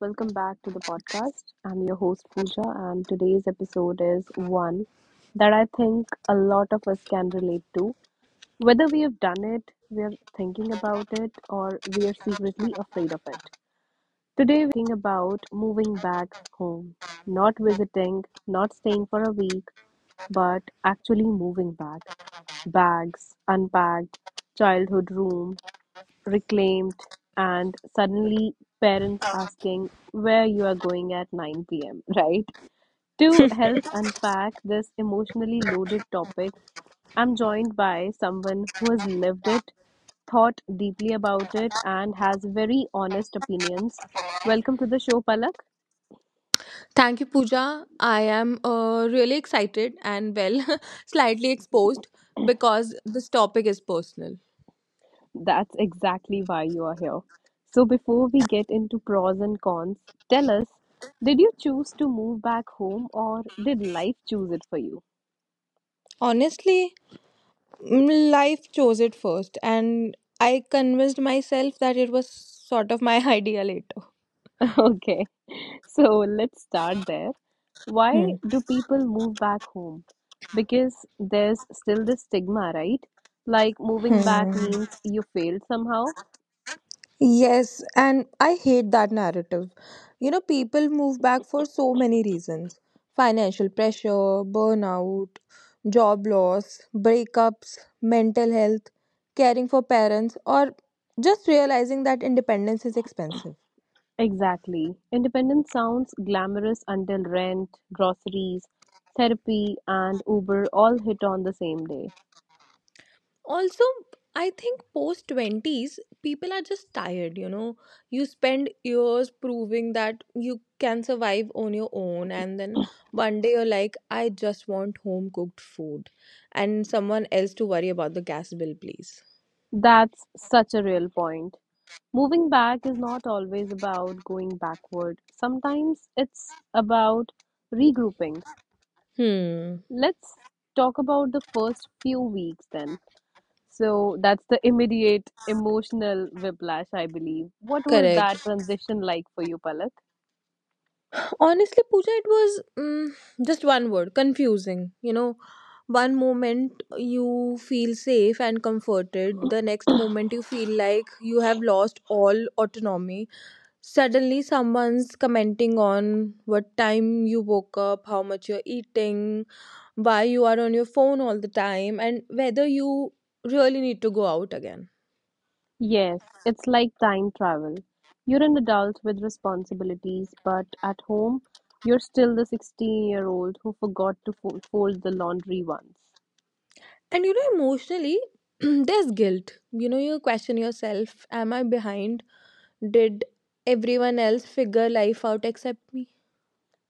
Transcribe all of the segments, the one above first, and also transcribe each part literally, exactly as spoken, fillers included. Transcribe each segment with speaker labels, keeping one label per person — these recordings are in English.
Speaker 1: welcome back to the podcast. I'm your host, Pooja, and today's episode is one that I think a lot of us can relate to. Whether we have done it, we're thinking about it, or we are secretly afraid of it. Today, we are talking about moving back home, not visiting, not staying for a week, but actually moving back. Bags, unpacked, childhood room, reclaimed, and suddenly parents asking where you are going at nine p m, right? To help unpack this emotionally loaded topic, I'm joined by someone who has lived it, thought deeply about it, and has very honest opinions. Welcome to the show, Palak.
Speaker 2: Thank you, Pooja. I am uh, really excited and, well, slightly exposed because this topic is personal.
Speaker 1: That's exactly why you are here. So, before we get into pros and cons, tell us, did you choose to move back home or did life choose it for you?
Speaker 2: Honestly, mm, life chose it first, and I convinced myself that it was sort of my idea later.
Speaker 1: Okay. So let's start there. Why
Speaker 2: Hmm.
Speaker 1: do people move back home? Because there's still this stigma, right? Like moving back
Speaker 2: Hmm.
Speaker 1: means you failed somehow.
Speaker 2: Yes, and I hate that narrative. You know, people move back for so many reasons: financial pressure, burnout, job loss, breakups, mental health, caring for parents, or just realizing that independence is expensive.
Speaker 1: Exactly. Independence sounds glamorous until rent, groceries, therapy, and Uber all hit on the same day.
Speaker 2: Also, I think post twenties people are just tired. You know you spend years proving that you can survive on your own, and then one day you're like, I just want home cooked food and someone else to worry about the gas bill, please.
Speaker 1: That's such a real point. Moving back is not always about going backward. Sometimes it's about regrouping.
Speaker 2: Hmm.
Speaker 1: Let's talk about the first few weeks then. So that's the immediate emotional whiplash, I believe. What was
Speaker 2: Correct.
Speaker 1: that transition like for you, Palak?
Speaker 2: Honestly, Pooja, it was mm, just one word: confusing. You know one moment you feel safe and comforted, the next moment you feel like you have lost all autonomy. Suddenly, someone's commenting on what time you woke up, how much you're eating, why you are on your phone all the time, and whether you really need to go out again.
Speaker 1: Yes, it's like time travel. You're an adult with responsibilities, but at home, you're still the sixteen-year-old who forgot to fo- fold the laundry once.
Speaker 2: And you know, emotionally, there's guilt. You know, you question yourself: am I behind? Did everyone else figure life out except me?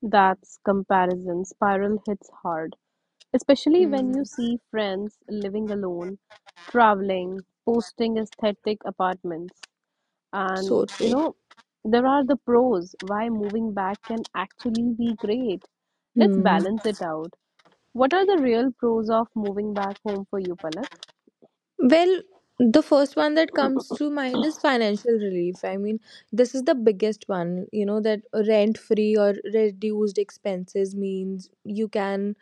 Speaker 1: That's comparison spiral hits hard. Especially when you
Speaker 2: Hmm.
Speaker 1: see friends living alone, traveling, posting aesthetic apartments. And
Speaker 2: So
Speaker 1: you
Speaker 2: true.
Speaker 1: know, there are the pros why moving back can actually be great. Let's
Speaker 2: Hmm.
Speaker 1: balance it out. What are the real pros of moving back home for you, Palak?
Speaker 2: Well, the first one that comes to mind is financial relief. I mean, this is the biggest one, you know, that rent free or reduced expenses means you can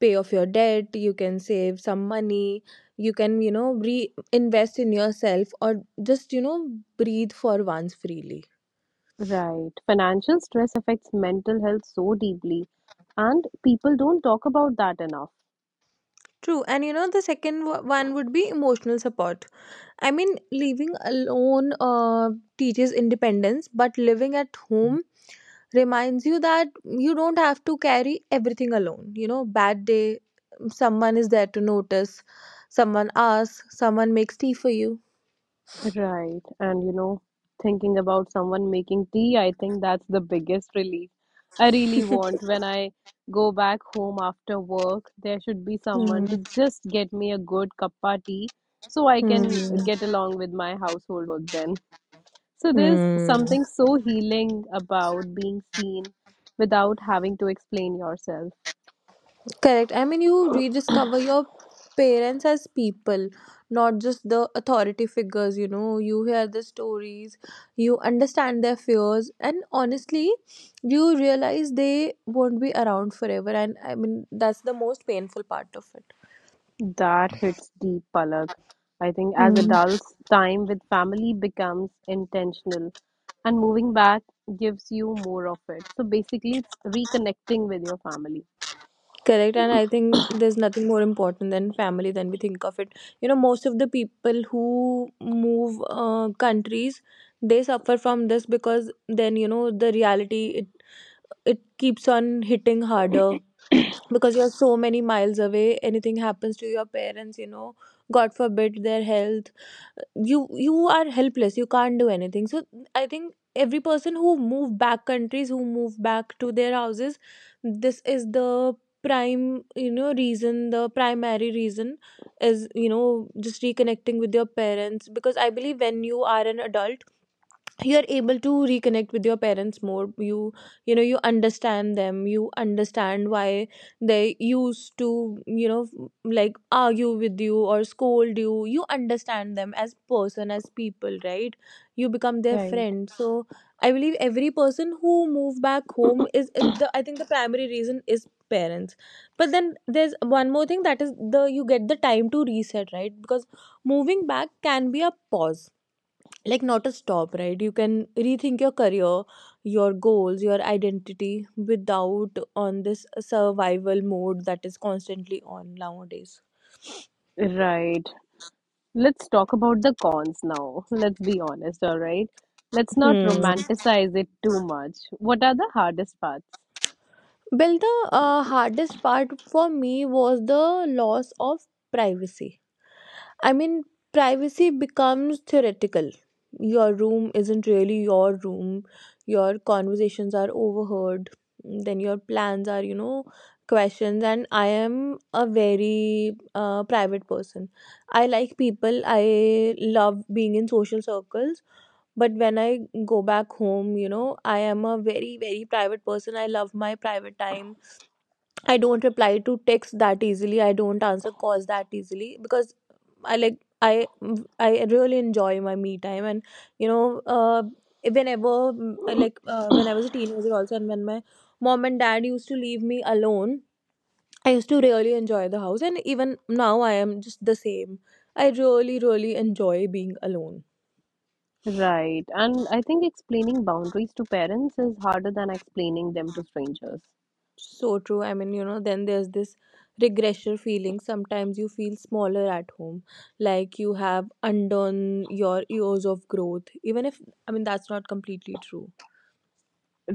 Speaker 2: pay off your debt, you can save some money, you can, you know, reinvest in yourself, or just, you know, breathe for once freely.
Speaker 1: Right. Financial stress affects mental health so deeply, and people don't talk about that enough.
Speaker 2: True. And you know, the second wa- one would be emotional support. I mean, living alone uh, teaches independence, but living at home reminds you that you don't have to carry everything alone. You know, bad day, someone is there to notice, someone asks, someone makes tea for you.
Speaker 1: Right. And you know, thinking about someone making tea, I think that's the biggest relief I really want when I go back home after work. There should be someone
Speaker 2: Hmm.
Speaker 1: to just get me a good cuppa tea so I can
Speaker 2: Hmm.
Speaker 1: get along with my household work then. So there's
Speaker 2: Hmm.
Speaker 1: something so healing about being seen without having to explain yourself.
Speaker 2: Correct. I mean, you rediscover your parents as people, not just the authority figures. You know, you hear the stories, you understand their fears, and honestly, you realize they won't be around forever. And I mean, that's the most painful part of
Speaker 1: That hits deep, Palak. I think as
Speaker 2: it.
Speaker 1: adults, time with family becomes intentional, and moving back gives you more of it. So basically, it's reconnecting with your family.
Speaker 2: Correct, and I think there's nothing more important than family than we think of it. You know, most of the people who move uh, countries, they suffer from this, because then you know the reality, it it keeps on hitting harder, because you're so many miles away. Anything happens to your parents, you know god forbid their health, you you are helpless, you can't do anything. So I think every person who move back countries, who move back to their houses, this is the prime you know reason. The primary reason is, you know just reconnecting with your parents, because I believe when you are an adult, you're able to reconnect with your parents more. You you know you understand them, you understand why they used to, you know like, argue with you or scold you. You understand them as person, as people, right? You become their
Speaker 1: Right.
Speaker 2: friend. So I believe every person who move back home is is, the, I think, the primary reason is parents. But then there's one more thing, that is the you get the time to reset, right? Because moving back can be a pause, like, not a stop, right? You can rethink your career, your goals, your identity, without on this survival mode that is constantly on nowadays.
Speaker 1: Right. Let's talk about the cons now. Let's be honest, all right? Let's not
Speaker 2: Hmm.
Speaker 1: romanticize it too much. What are the hardest parts?
Speaker 2: Well, the uh, hardest part for me was the loss of privacy. I mean, privacy becomes theoretical. Your room isn't really your room. Your conversations are overheard. Then your plans are, you know, questions. And I am a very uh, private person. I like people. I love being in social circles. But when I go back home, you know, I am a very, very private person. I love my private time. I don't reply to texts that easily. I don't answer calls that easily, because I like I I really enjoy my me time. And you know uh, whenever mm, I like uh, when I was a teenager also, and when my mom and dad used to leave me alone, I used to really enjoy the house. And even now I am just the same. I really really enjoy being alone.
Speaker 1: Right. And I think explaining boundaries to parents is harder than explaining them to strangers.
Speaker 2: So true. I mean, you know, then there's this regressor feeling. Sometimes you feel smaller at home, like you have undone your years of growth, even if, I mean, that's not completely true.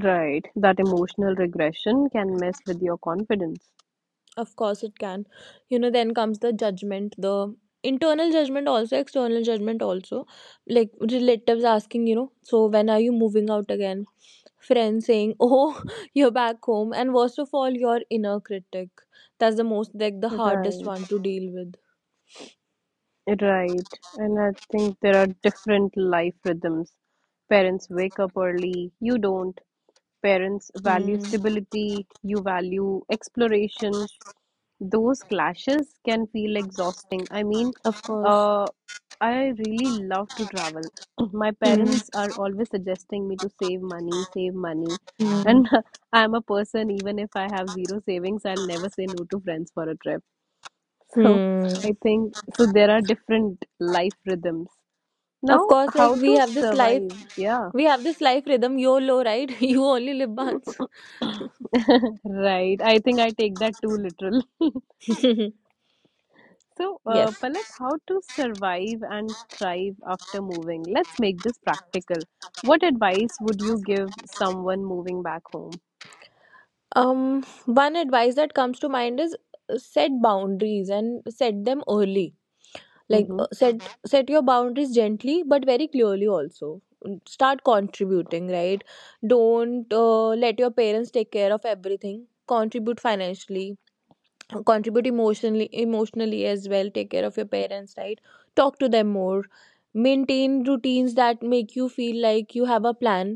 Speaker 1: Right. That emotional regression can mess with your confidence.
Speaker 2: Of course, it can. You know, then comes the judgment, the internal judgment, also external judgment, also. Like relatives asking, you know, so when are you moving out again? Friends saying, oh, you're back home. And worst of all, your inner critic. That's the most, like, the hardest
Speaker 1: Right.
Speaker 2: one to deal with.
Speaker 1: Right. And I think there are different life rhythms. Parents wake up early, you don't. Parents value
Speaker 2: Hmm.
Speaker 1: stability, you value exploration. Those clashes can feel exhausting. I mean,
Speaker 2: Of course.
Speaker 1: uh, I really love to travel. My
Speaker 2: Hmm.
Speaker 1: parents are always suggesting me to save money, save money.
Speaker 2: Hmm.
Speaker 1: And I'm a person, even if I have zero savings, I'll never say no to friends for a trip. So
Speaker 2: Hmm.
Speaker 1: I think so there are different life rhythms.
Speaker 2: Of
Speaker 1: Now,
Speaker 2: course, like,
Speaker 1: how
Speaker 2: we
Speaker 1: to
Speaker 2: have this life,
Speaker 1: survive? Yeah.
Speaker 2: we have this life rhythm, YOLO, right? You only live once.
Speaker 1: Right. I think I take that too literal. So, uh,
Speaker 2: Yes.
Speaker 1: Palak, how to survive and thrive after moving? Let's make this practical. What advice would you give someone moving back home?
Speaker 2: Um. One advice that comes to mind is, uh, set boundaries and set them early. Like,
Speaker 1: Mm-hmm.
Speaker 2: uh, set set your boundaries gently but very clearly also. Mm, Start contributing, right? Don't uh, let your parents take care of everything. Contribute financially, contribute emotionally emotionally as well. Take care of your parents, right? Talk to them more. Maintain routines that make you feel like you have a plan,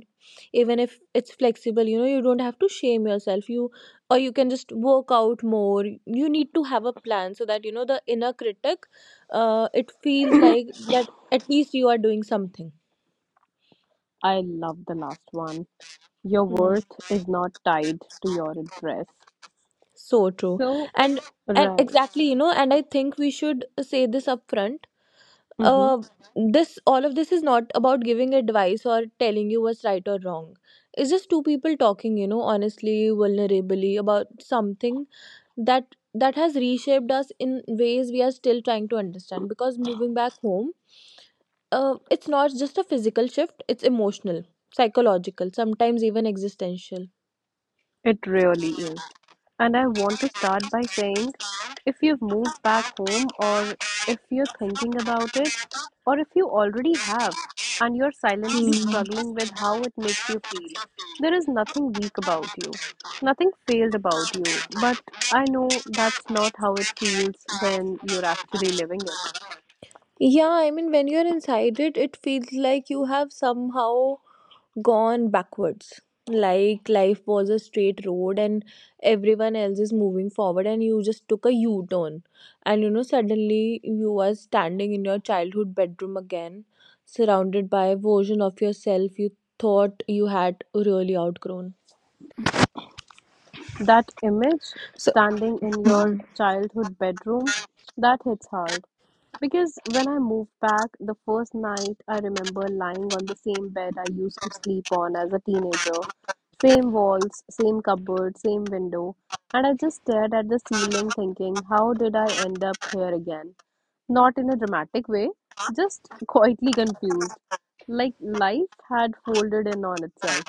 Speaker 2: even if it's flexible. You know you don't have to shame yourself, you, or you can just work out more. You need to have a plan, so that, you know the inner critic, uh, it feels like that, at least you are doing something.
Speaker 1: I love the last one. Your
Speaker 2: Hmm.
Speaker 1: worth is not tied to your address.
Speaker 2: So true.
Speaker 1: So,
Speaker 2: And and
Speaker 1: right.
Speaker 2: exactly. you know and I think we should say this upfront:
Speaker 1: Mhm.
Speaker 2: uh, this all of this is not about giving advice or telling you what's right or wrong. It's just two people talking, you know honestly, vulnerably, about something that that has reshaped us in ways we are still trying to understand. Because moving back home, uh, it's not just a physical shift, it's emotional, psychological, sometimes even existential.
Speaker 1: It really is. And I want to start by saying if you've moved back home, or if you're thinking about it, or if you already have and you're silently
Speaker 2: Hmm.
Speaker 1: struggling with how it makes you feel, there is nothing weak about you, nothing failed about you. But I know that's not how it feels when you're actually living it.
Speaker 2: Yeah, I mean, when you're inside it, it feels like you have somehow gone backwards. Like life was a straight road and everyone else is moving forward, and you just took a U turn. And you know, suddenly you are standing in your childhood bedroom again, surrounded by a version of yourself you thought you had really outgrown.
Speaker 1: That image
Speaker 2: So.
Speaker 1: standing in your childhood bedroom, that hits hard. Because when I moved back, the first night I remember lying on the same bed I used to sleep on as a teenager. Same walls, same cupboard, same window. And I just stared at the ceiling thinking, how did I end up here again? Not in a dramatic way, just quietly confused. Like life had folded in on itself.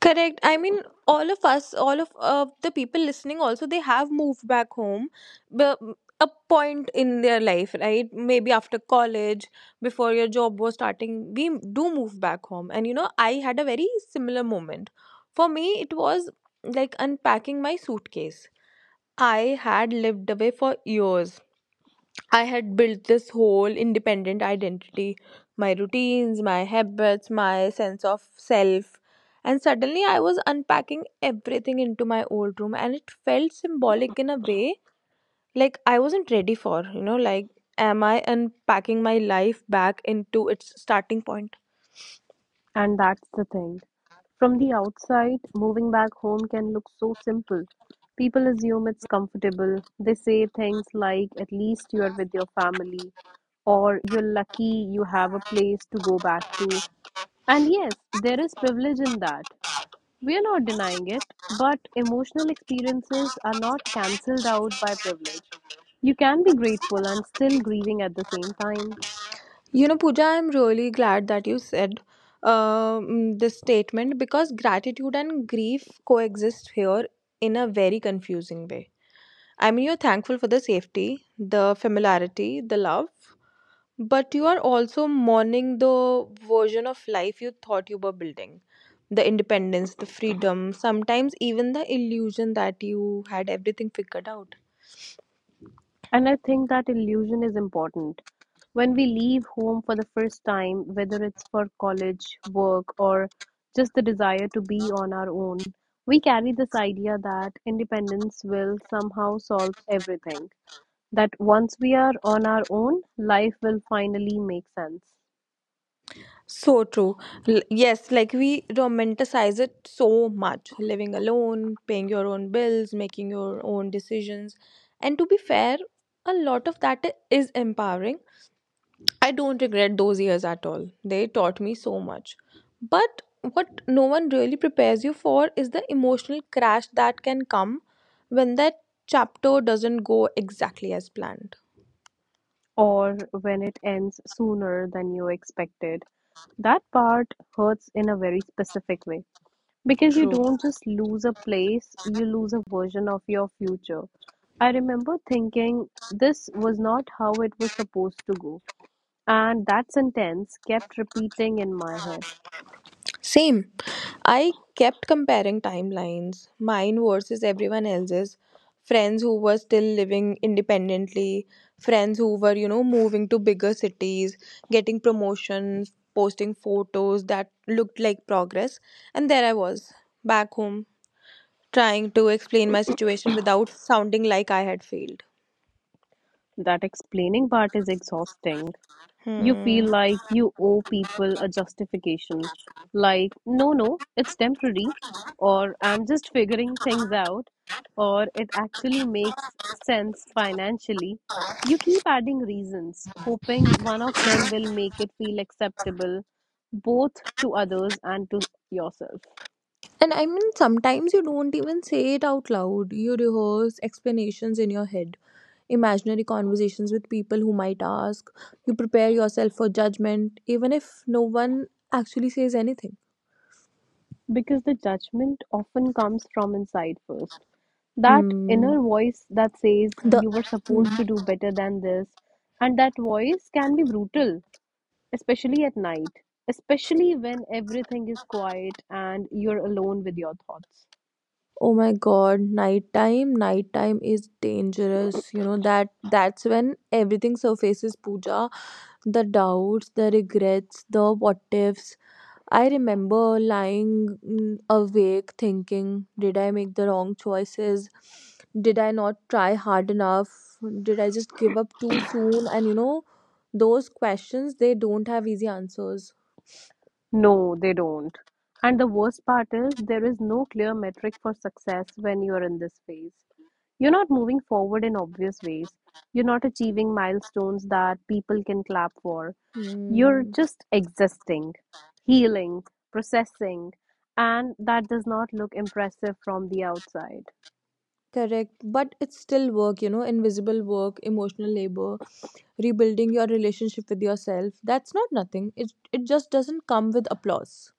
Speaker 2: Correct. I mean, all of us, all of uh, the people listening, also they have moved back home, but a point in their life, right? Maybe after college, before your job was starting, we do move back home. And you know, I had a very similar moment. For me, it was like unpacking my suitcase. I had lived away for years. I had built this whole independent identity, my routines, my habits, my sense of self. And suddenly I was unpacking everything into my old room, and it felt symbolic in a way, like I wasn't ready for, you know, like, am I unpacking my life back into its starting point?
Speaker 1: And that's the thing. From the outside, moving back home can look so simple. People assume it's comfortable. They say things like, at least you're with your family, or you're lucky you have a place to go back to. And yes, there is privilege in that. We are not denying it, but emotional experiences are not cancelled out by privilege. You can be grateful and still grieving at the same time.
Speaker 2: You know, Pooja, I'm really glad that you said um, this statement, because gratitude and grief coexist here in a very confusing way. I mean, you're thankful for the safety, the familiarity, the love, but you are also mourning the version of life you thought you were building: the independence, the freedom, sometimes even the illusion that you had everything figured out.
Speaker 1: And I think that illusion is important. When we leave home for the first time, whether it's for college, work, or just the desire to be on our own, we carry this idea that independence will somehow solve everything. That once we are on our own, life will finally make sense.
Speaker 2: So true. L- yes, like, we romanticize it so much. Living alone, paying your own bills, making your own decisions. And to be fair, a lot of that i- is empowering. I don't regret those years at all. They taught me so much. But what no one really prepares you for is the emotional crash that can come when that chapter doesn't go exactly as planned.
Speaker 1: Or when it ends sooner than you expected. That part hurts in a very specific way. Because you
Speaker 2: True.
Speaker 1: don't just lose a place, you lose a version of your future. I remember thinking this was not how it was supposed to go. And that sentence kept repeating in my head.
Speaker 2: Same. I kept comparing timelines, mine versus everyone else's. Friends who were still living independently, friends who were, you know, moving to bigger cities, getting promotions, posting photos that looked like progress. And there I was, back home, trying to explain my situation without sounding like I had failed.
Speaker 1: That explaining part is exhausting. You
Speaker 2: Hmm.
Speaker 1: feel like you owe people a justification, like, no, no, it's temporary, or I'm just figuring things out, or it actually makes sense financially. You keep adding reasons, hoping one of them will make it feel acceptable both to others and to yourself.
Speaker 2: And I mean, sometimes you don't even say it out loud. You rehearse explanations in your head, imaginary conversations with people who might ask. You prepare yourself for judgment, even if no one actually says anything.
Speaker 1: Because the judgment often comes from inside first. That
Speaker 2: Hmm.
Speaker 1: inner voice that says
Speaker 2: The
Speaker 1: you were
Speaker 2: hmm.
Speaker 1: supposed to do better than this, and that voice can be brutal, especially at night, especially when everything is quiet and you're alone with your thoughts.
Speaker 2: oh my god, nighttime, nighttime is dangerous. You know that that's when everything surfaces, Pooja: the doubts, the regrets, the what ifs. I remember lying mm, awake thinking, did I make the wrong choices? Did I not try hard enough? Did I just give up too soon? And you know, those questions, they don't have easy answers.
Speaker 1: No, they don't. And the worst part is there is no clear metric for success when you're in this phase. You're not moving forward in obvious ways. You're not achieving milestones that people can clap for. You're
Speaker 2: Mm,
Speaker 1: just existing, healing, processing, and that does not look impressive from the outside.
Speaker 2: correct. But it's still work, you know, invisible work, emotional labor, rebuilding your relationship with yourself. That's not nothing. It, it just doesn't come with applause.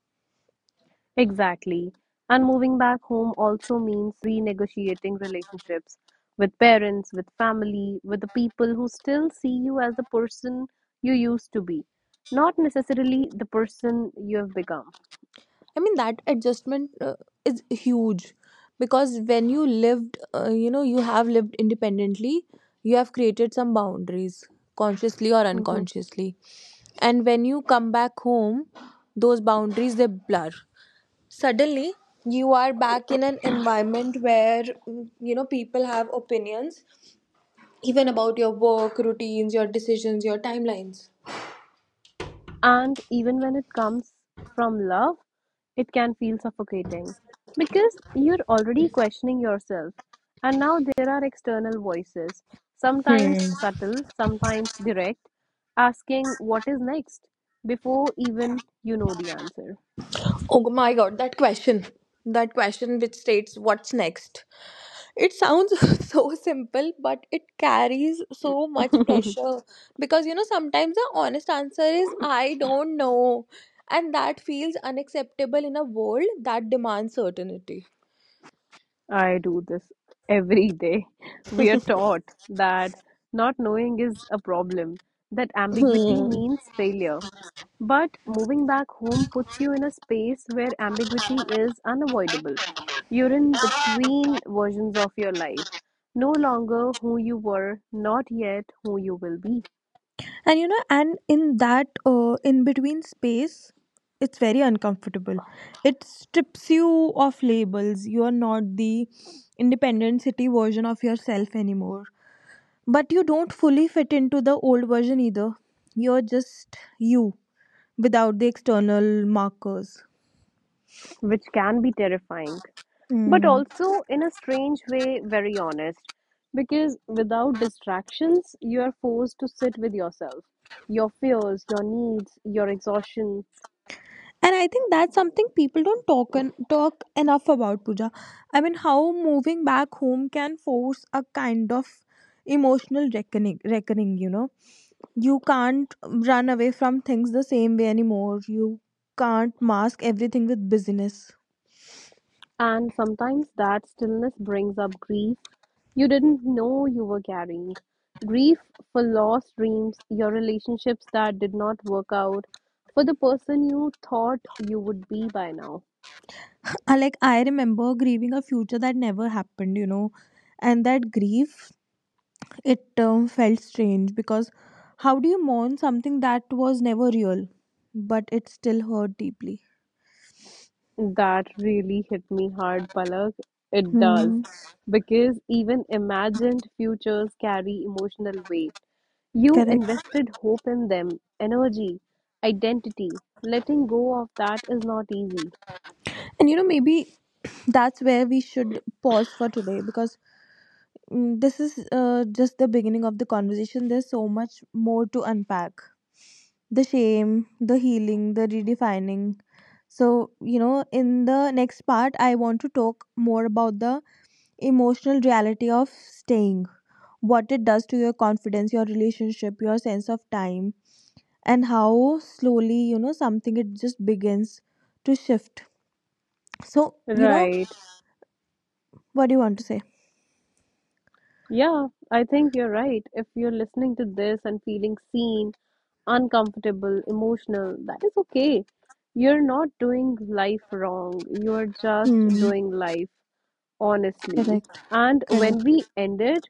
Speaker 1: Exactly. And moving back home also means renegotiating relationships with parents, with family, with the people who still see you as the person you used to be, not necessarily the person you have become.
Speaker 2: I mean, that adjustment uh, is huge because when you lived, uh, you know, you have lived independently, you have created some boundaries consciously or
Speaker 1: Mhm.
Speaker 2: unconsciously. And when you come back home, those boundaries they blur. Suddenly, you are back in an environment where mm, you know, people have opinions even about your work, routines, your decisions, your timelines.
Speaker 1: And even when it comes from love, it can feel suffocating because you're already questioning yourself. And now there are external voices,
Speaker 2: Hmm.
Speaker 1: sometimes subtle, sometimes direct, asking what is next before even you know the answer.
Speaker 2: Oh my god, that question. That question which states what's next. It sounds so simple, but it carries so much pressure because you know sometimes the honest answer is I don't know, and that feels unacceptable in a world that demands certainty.
Speaker 1: I do this every day. We are taught that not knowing is a problem, that ambiguity
Speaker 2: Hmm.
Speaker 1: means failure. But moving back home puts you in a space where ambiguity is unavoidable. You're in between versions of your life, no longer who you were, not yet who you will be,
Speaker 2: and you know and in that uh, in between space, it's very uncomfortable. It strips you of labels. You are not the independent city version of yourself anymore. But you don't fully fit into the old version either. You're just you without the external markers.
Speaker 1: which can be terrifying, but
Speaker 2: Mm.
Speaker 1: also in a strange way, very honest. Because without distractions, you are forced to sit with yourself, your fears, your needs, your exhaustion.
Speaker 2: And I think that's something people don't talk and talk enough about, Pooja. I mean, how moving back home can force a kind of emotional reckoning. Reckoning, you know, you can't run away from things the same way anymore. You can't mask everything with business.
Speaker 1: And sometimes that stillness brings up grief you didn't know you were carrying. Grief for lost dreams, your relationships that did not work out, for the person you thought you would be by now.
Speaker 2: I Like I remember grieving a future that never happened, you know, and that grief, it um, felt strange because how do you mourn something that was never real, but it still hurt deeply?
Speaker 1: That really hit me hard, Palak. It does.
Speaker 2: Hmm,
Speaker 1: Because even imagined futures carry emotional weight. You
Speaker 2: correct.
Speaker 1: invested hope in them, energy, identity. Letting go of that is not easy.
Speaker 2: And you know, maybe that's where we should pause for today because mm, this is uh, just the beginning of the conversation. There's so much more to unpack: the shame, the healing, the redefining. So, you know, in the next part, I want to talk more about the emotional reality of staying, what it does to your confidence, your relationship, your sense of time, and how slowly, you know something it just begins to shift. So, you know
Speaker 1: Right.
Speaker 2: what do you want to say?
Speaker 1: Yeah, I think you're right. If you're listening to this and feeling seen, uncomfortable, emotional, that is okay. You're not doing life wrong. You're just
Speaker 2: Hmm,
Speaker 1: doing life honestly.
Speaker 2: correct,
Speaker 1: And when
Speaker 2: correct.
Speaker 1: we ended,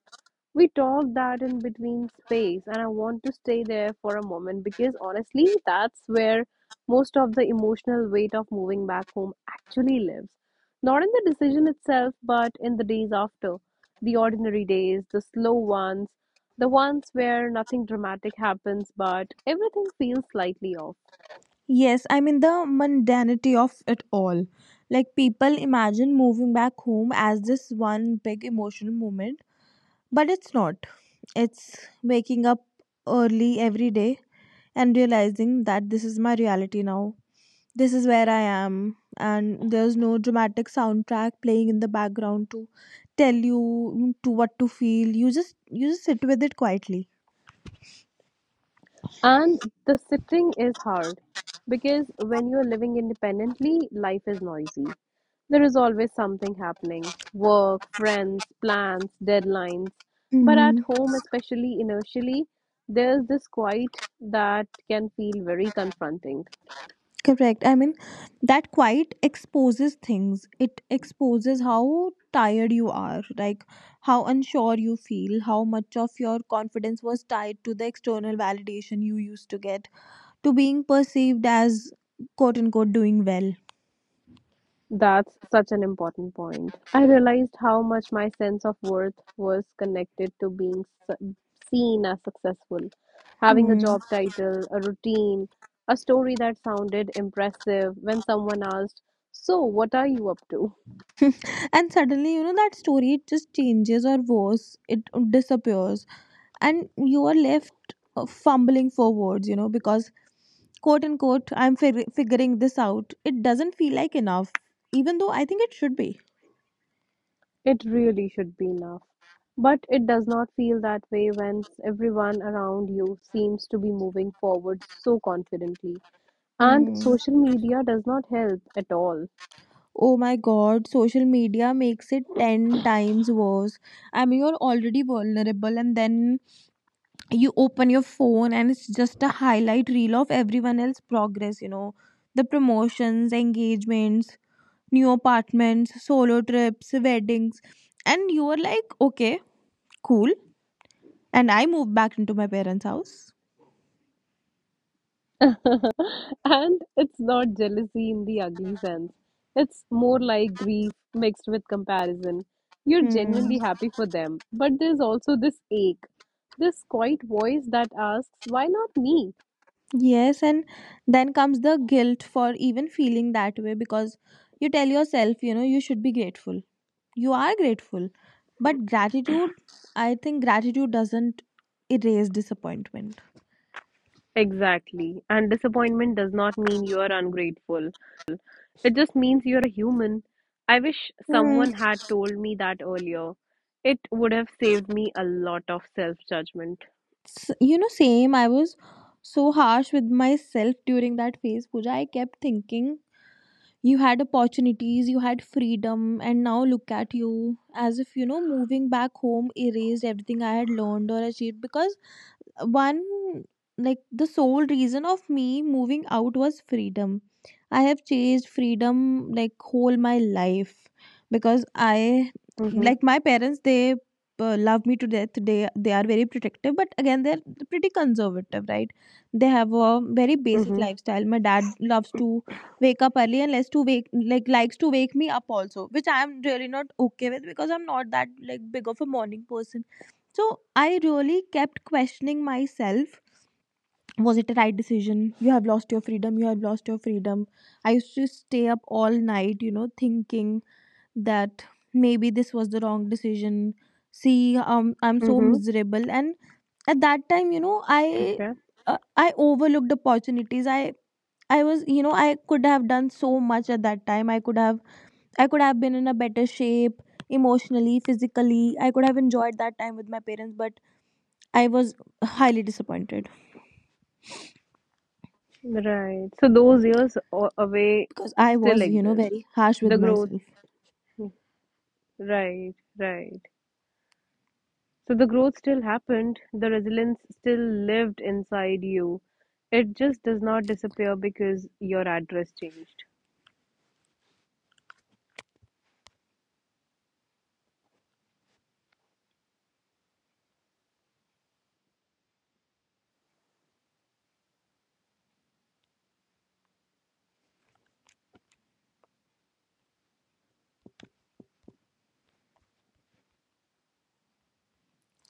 Speaker 1: we talked that in between space, and I want to stay there for a moment because honestly, that's where most of the emotional weight of moving back home actually lives. Not in the decision itself, but in the days after, the ordinary days, the slow ones, the ones where nothing dramatic happens, but everything feels slightly off.
Speaker 2: Yes, I mean the mundanity of it all. Like, people imagine moving back home as this one big emotional moment, but it's not. It's waking up early every day and realizing that this is my reality now. This is where I am, and there's no dramatic soundtrack playing in the background to tell you to what to feel. You just you just sit with it quietly.
Speaker 1: And the sitting is hard because when you're living independently, life is noisy. There is always something happening work, friends, plans, deadlines. But at
Speaker 2: Mm,
Speaker 1: home, especially initially, there's this quiet that can feel very confronting.
Speaker 2: correct. I mean, that quiet exposes things. It exposes how tired you are, like how unsure you feel, how much of your confidence was tied to the external validation you used to get, to being perceived as quote unquote doing well.
Speaker 1: That's such an important point. I realized how much my sense of worth was connected to being su- seen as successful. Having a
Speaker 2: Hmm.
Speaker 1: job title, a routine, a story that sounded impressive when someone asked, so, what are you up to?
Speaker 2: And suddenly, you know that story, it just changes, or worse, it disappears. And you are left uh, fumbling for words, you know because quote unquote I'm fig- figuring this out, it doesn't feel like enough, even though I think it should be.
Speaker 1: It really should be enough. But it does not feel that way when everyone around you seems to be moving forward so confidently. And
Speaker 2: Hmm.
Speaker 1: social media does not help at all.
Speaker 2: Oh my god, social media makes it ten times worse. I mean, you're already vulnerable, and then you open your phone, and it's just a highlight reel of everyone else's progress, you know, the promotions, engagements, new apartments, solo trips, weddings. And you were like, okay, cool. And I moved back into my parents' house.
Speaker 1: And it's not jealousy in the ugly sense. It's more like grief mixed with comparison. You're
Speaker 2: Hmm.
Speaker 1: genuinely happy for them, but there's also this ache, this quiet voice that asks, why not me?
Speaker 2: Yes, and then comes the guilt for even feeling that way because you tell yourself, you know, you should be grateful. You are grateful. But gratitude, I think gratitude doesn't erase disappointment.
Speaker 1: Exactly. And disappointment does not mean you're ungrateful. It just means you're a human. I wish
Speaker 2: Hmm.
Speaker 1: someone had told me that earlier. It would have saved me a lot of self-judgment.
Speaker 2: S- You know, same. I was so harsh with myself during that phase, Pooja. I kept thinking, you had opportunities, you had freedom, and now look at you, as if you know moving back home erased everything I had learned or achieved, because, one, like, the sole reason of me moving out was freedom. I have chased freedom, like, whole my life, because I
Speaker 1: Mm-hmm.
Speaker 2: like my parents. They uh, love me to death. They they are very protective, but again, they're pretty conservative, right? They have a very basic
Speaker 1: Mm-hmm.
Speaker 2: lifestyle. My dad loves to wake up early and likes to wake like likes to wake me up also, which I am really not okay with because I'm not that, like, big of a morning person. So I really kept questioning myself, was it a right decision? You have lost your freedom, you have lost your freedom. I used to stay up all night, you know, thinking that maybe this was the wrong decision. See, um, I'm so
Speaker 1: Mm-hmm.
Speaker 2: miserable. And at that time, you know, I uh, I overlooked opportunities. I I was, you know, I could have done so much at that time. I could have I could have been in a better shape emotionally, physically. I could have enjoyed that time with my parents, but I was highly disappointed
Speaker 1: Right. So those years o- away
Speaker 2: because I
Speaker 1: still
Speaker 2: was, you know,
Speaker 1: exist.
Speaker 2: very harsh with
Speaker 1: The growth,
Speaker 2: myself.
Speaker 1: right, right. So the growth still happened. The resilience still lived inside you. It just does not disappear because your address changed.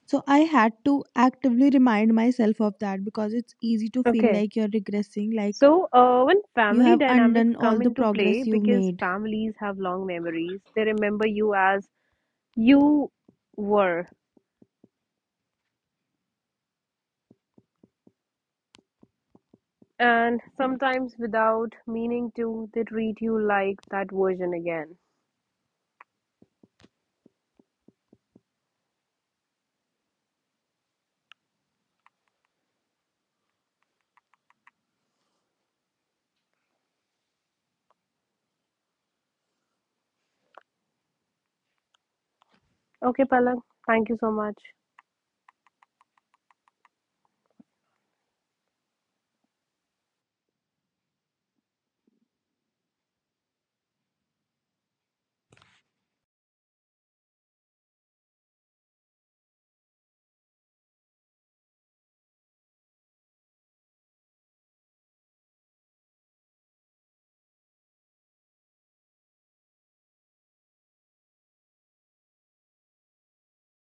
Speaker 2: So I had to actively remind myself of that because it's easy to feel
Speaker 1: Okay.
Speaker 2: like you're regressing, like
Speaker 1: So, uh, when
Speaker 2: you
Speaker 1: family
Speaker 2: have
Speaker 1: dynamics
Speaker 2: undone all
Speaker 1: come
Speaker 2: the
Speaker 1: into play,
Speaker 2: progress you've
Speaker 1: because
Speaker 2: made.
Speaker 1: families have long memories, they remember you as you were. And sometimes without meaning to, they treat you like that version again. Okay, Palak. Thank you so much.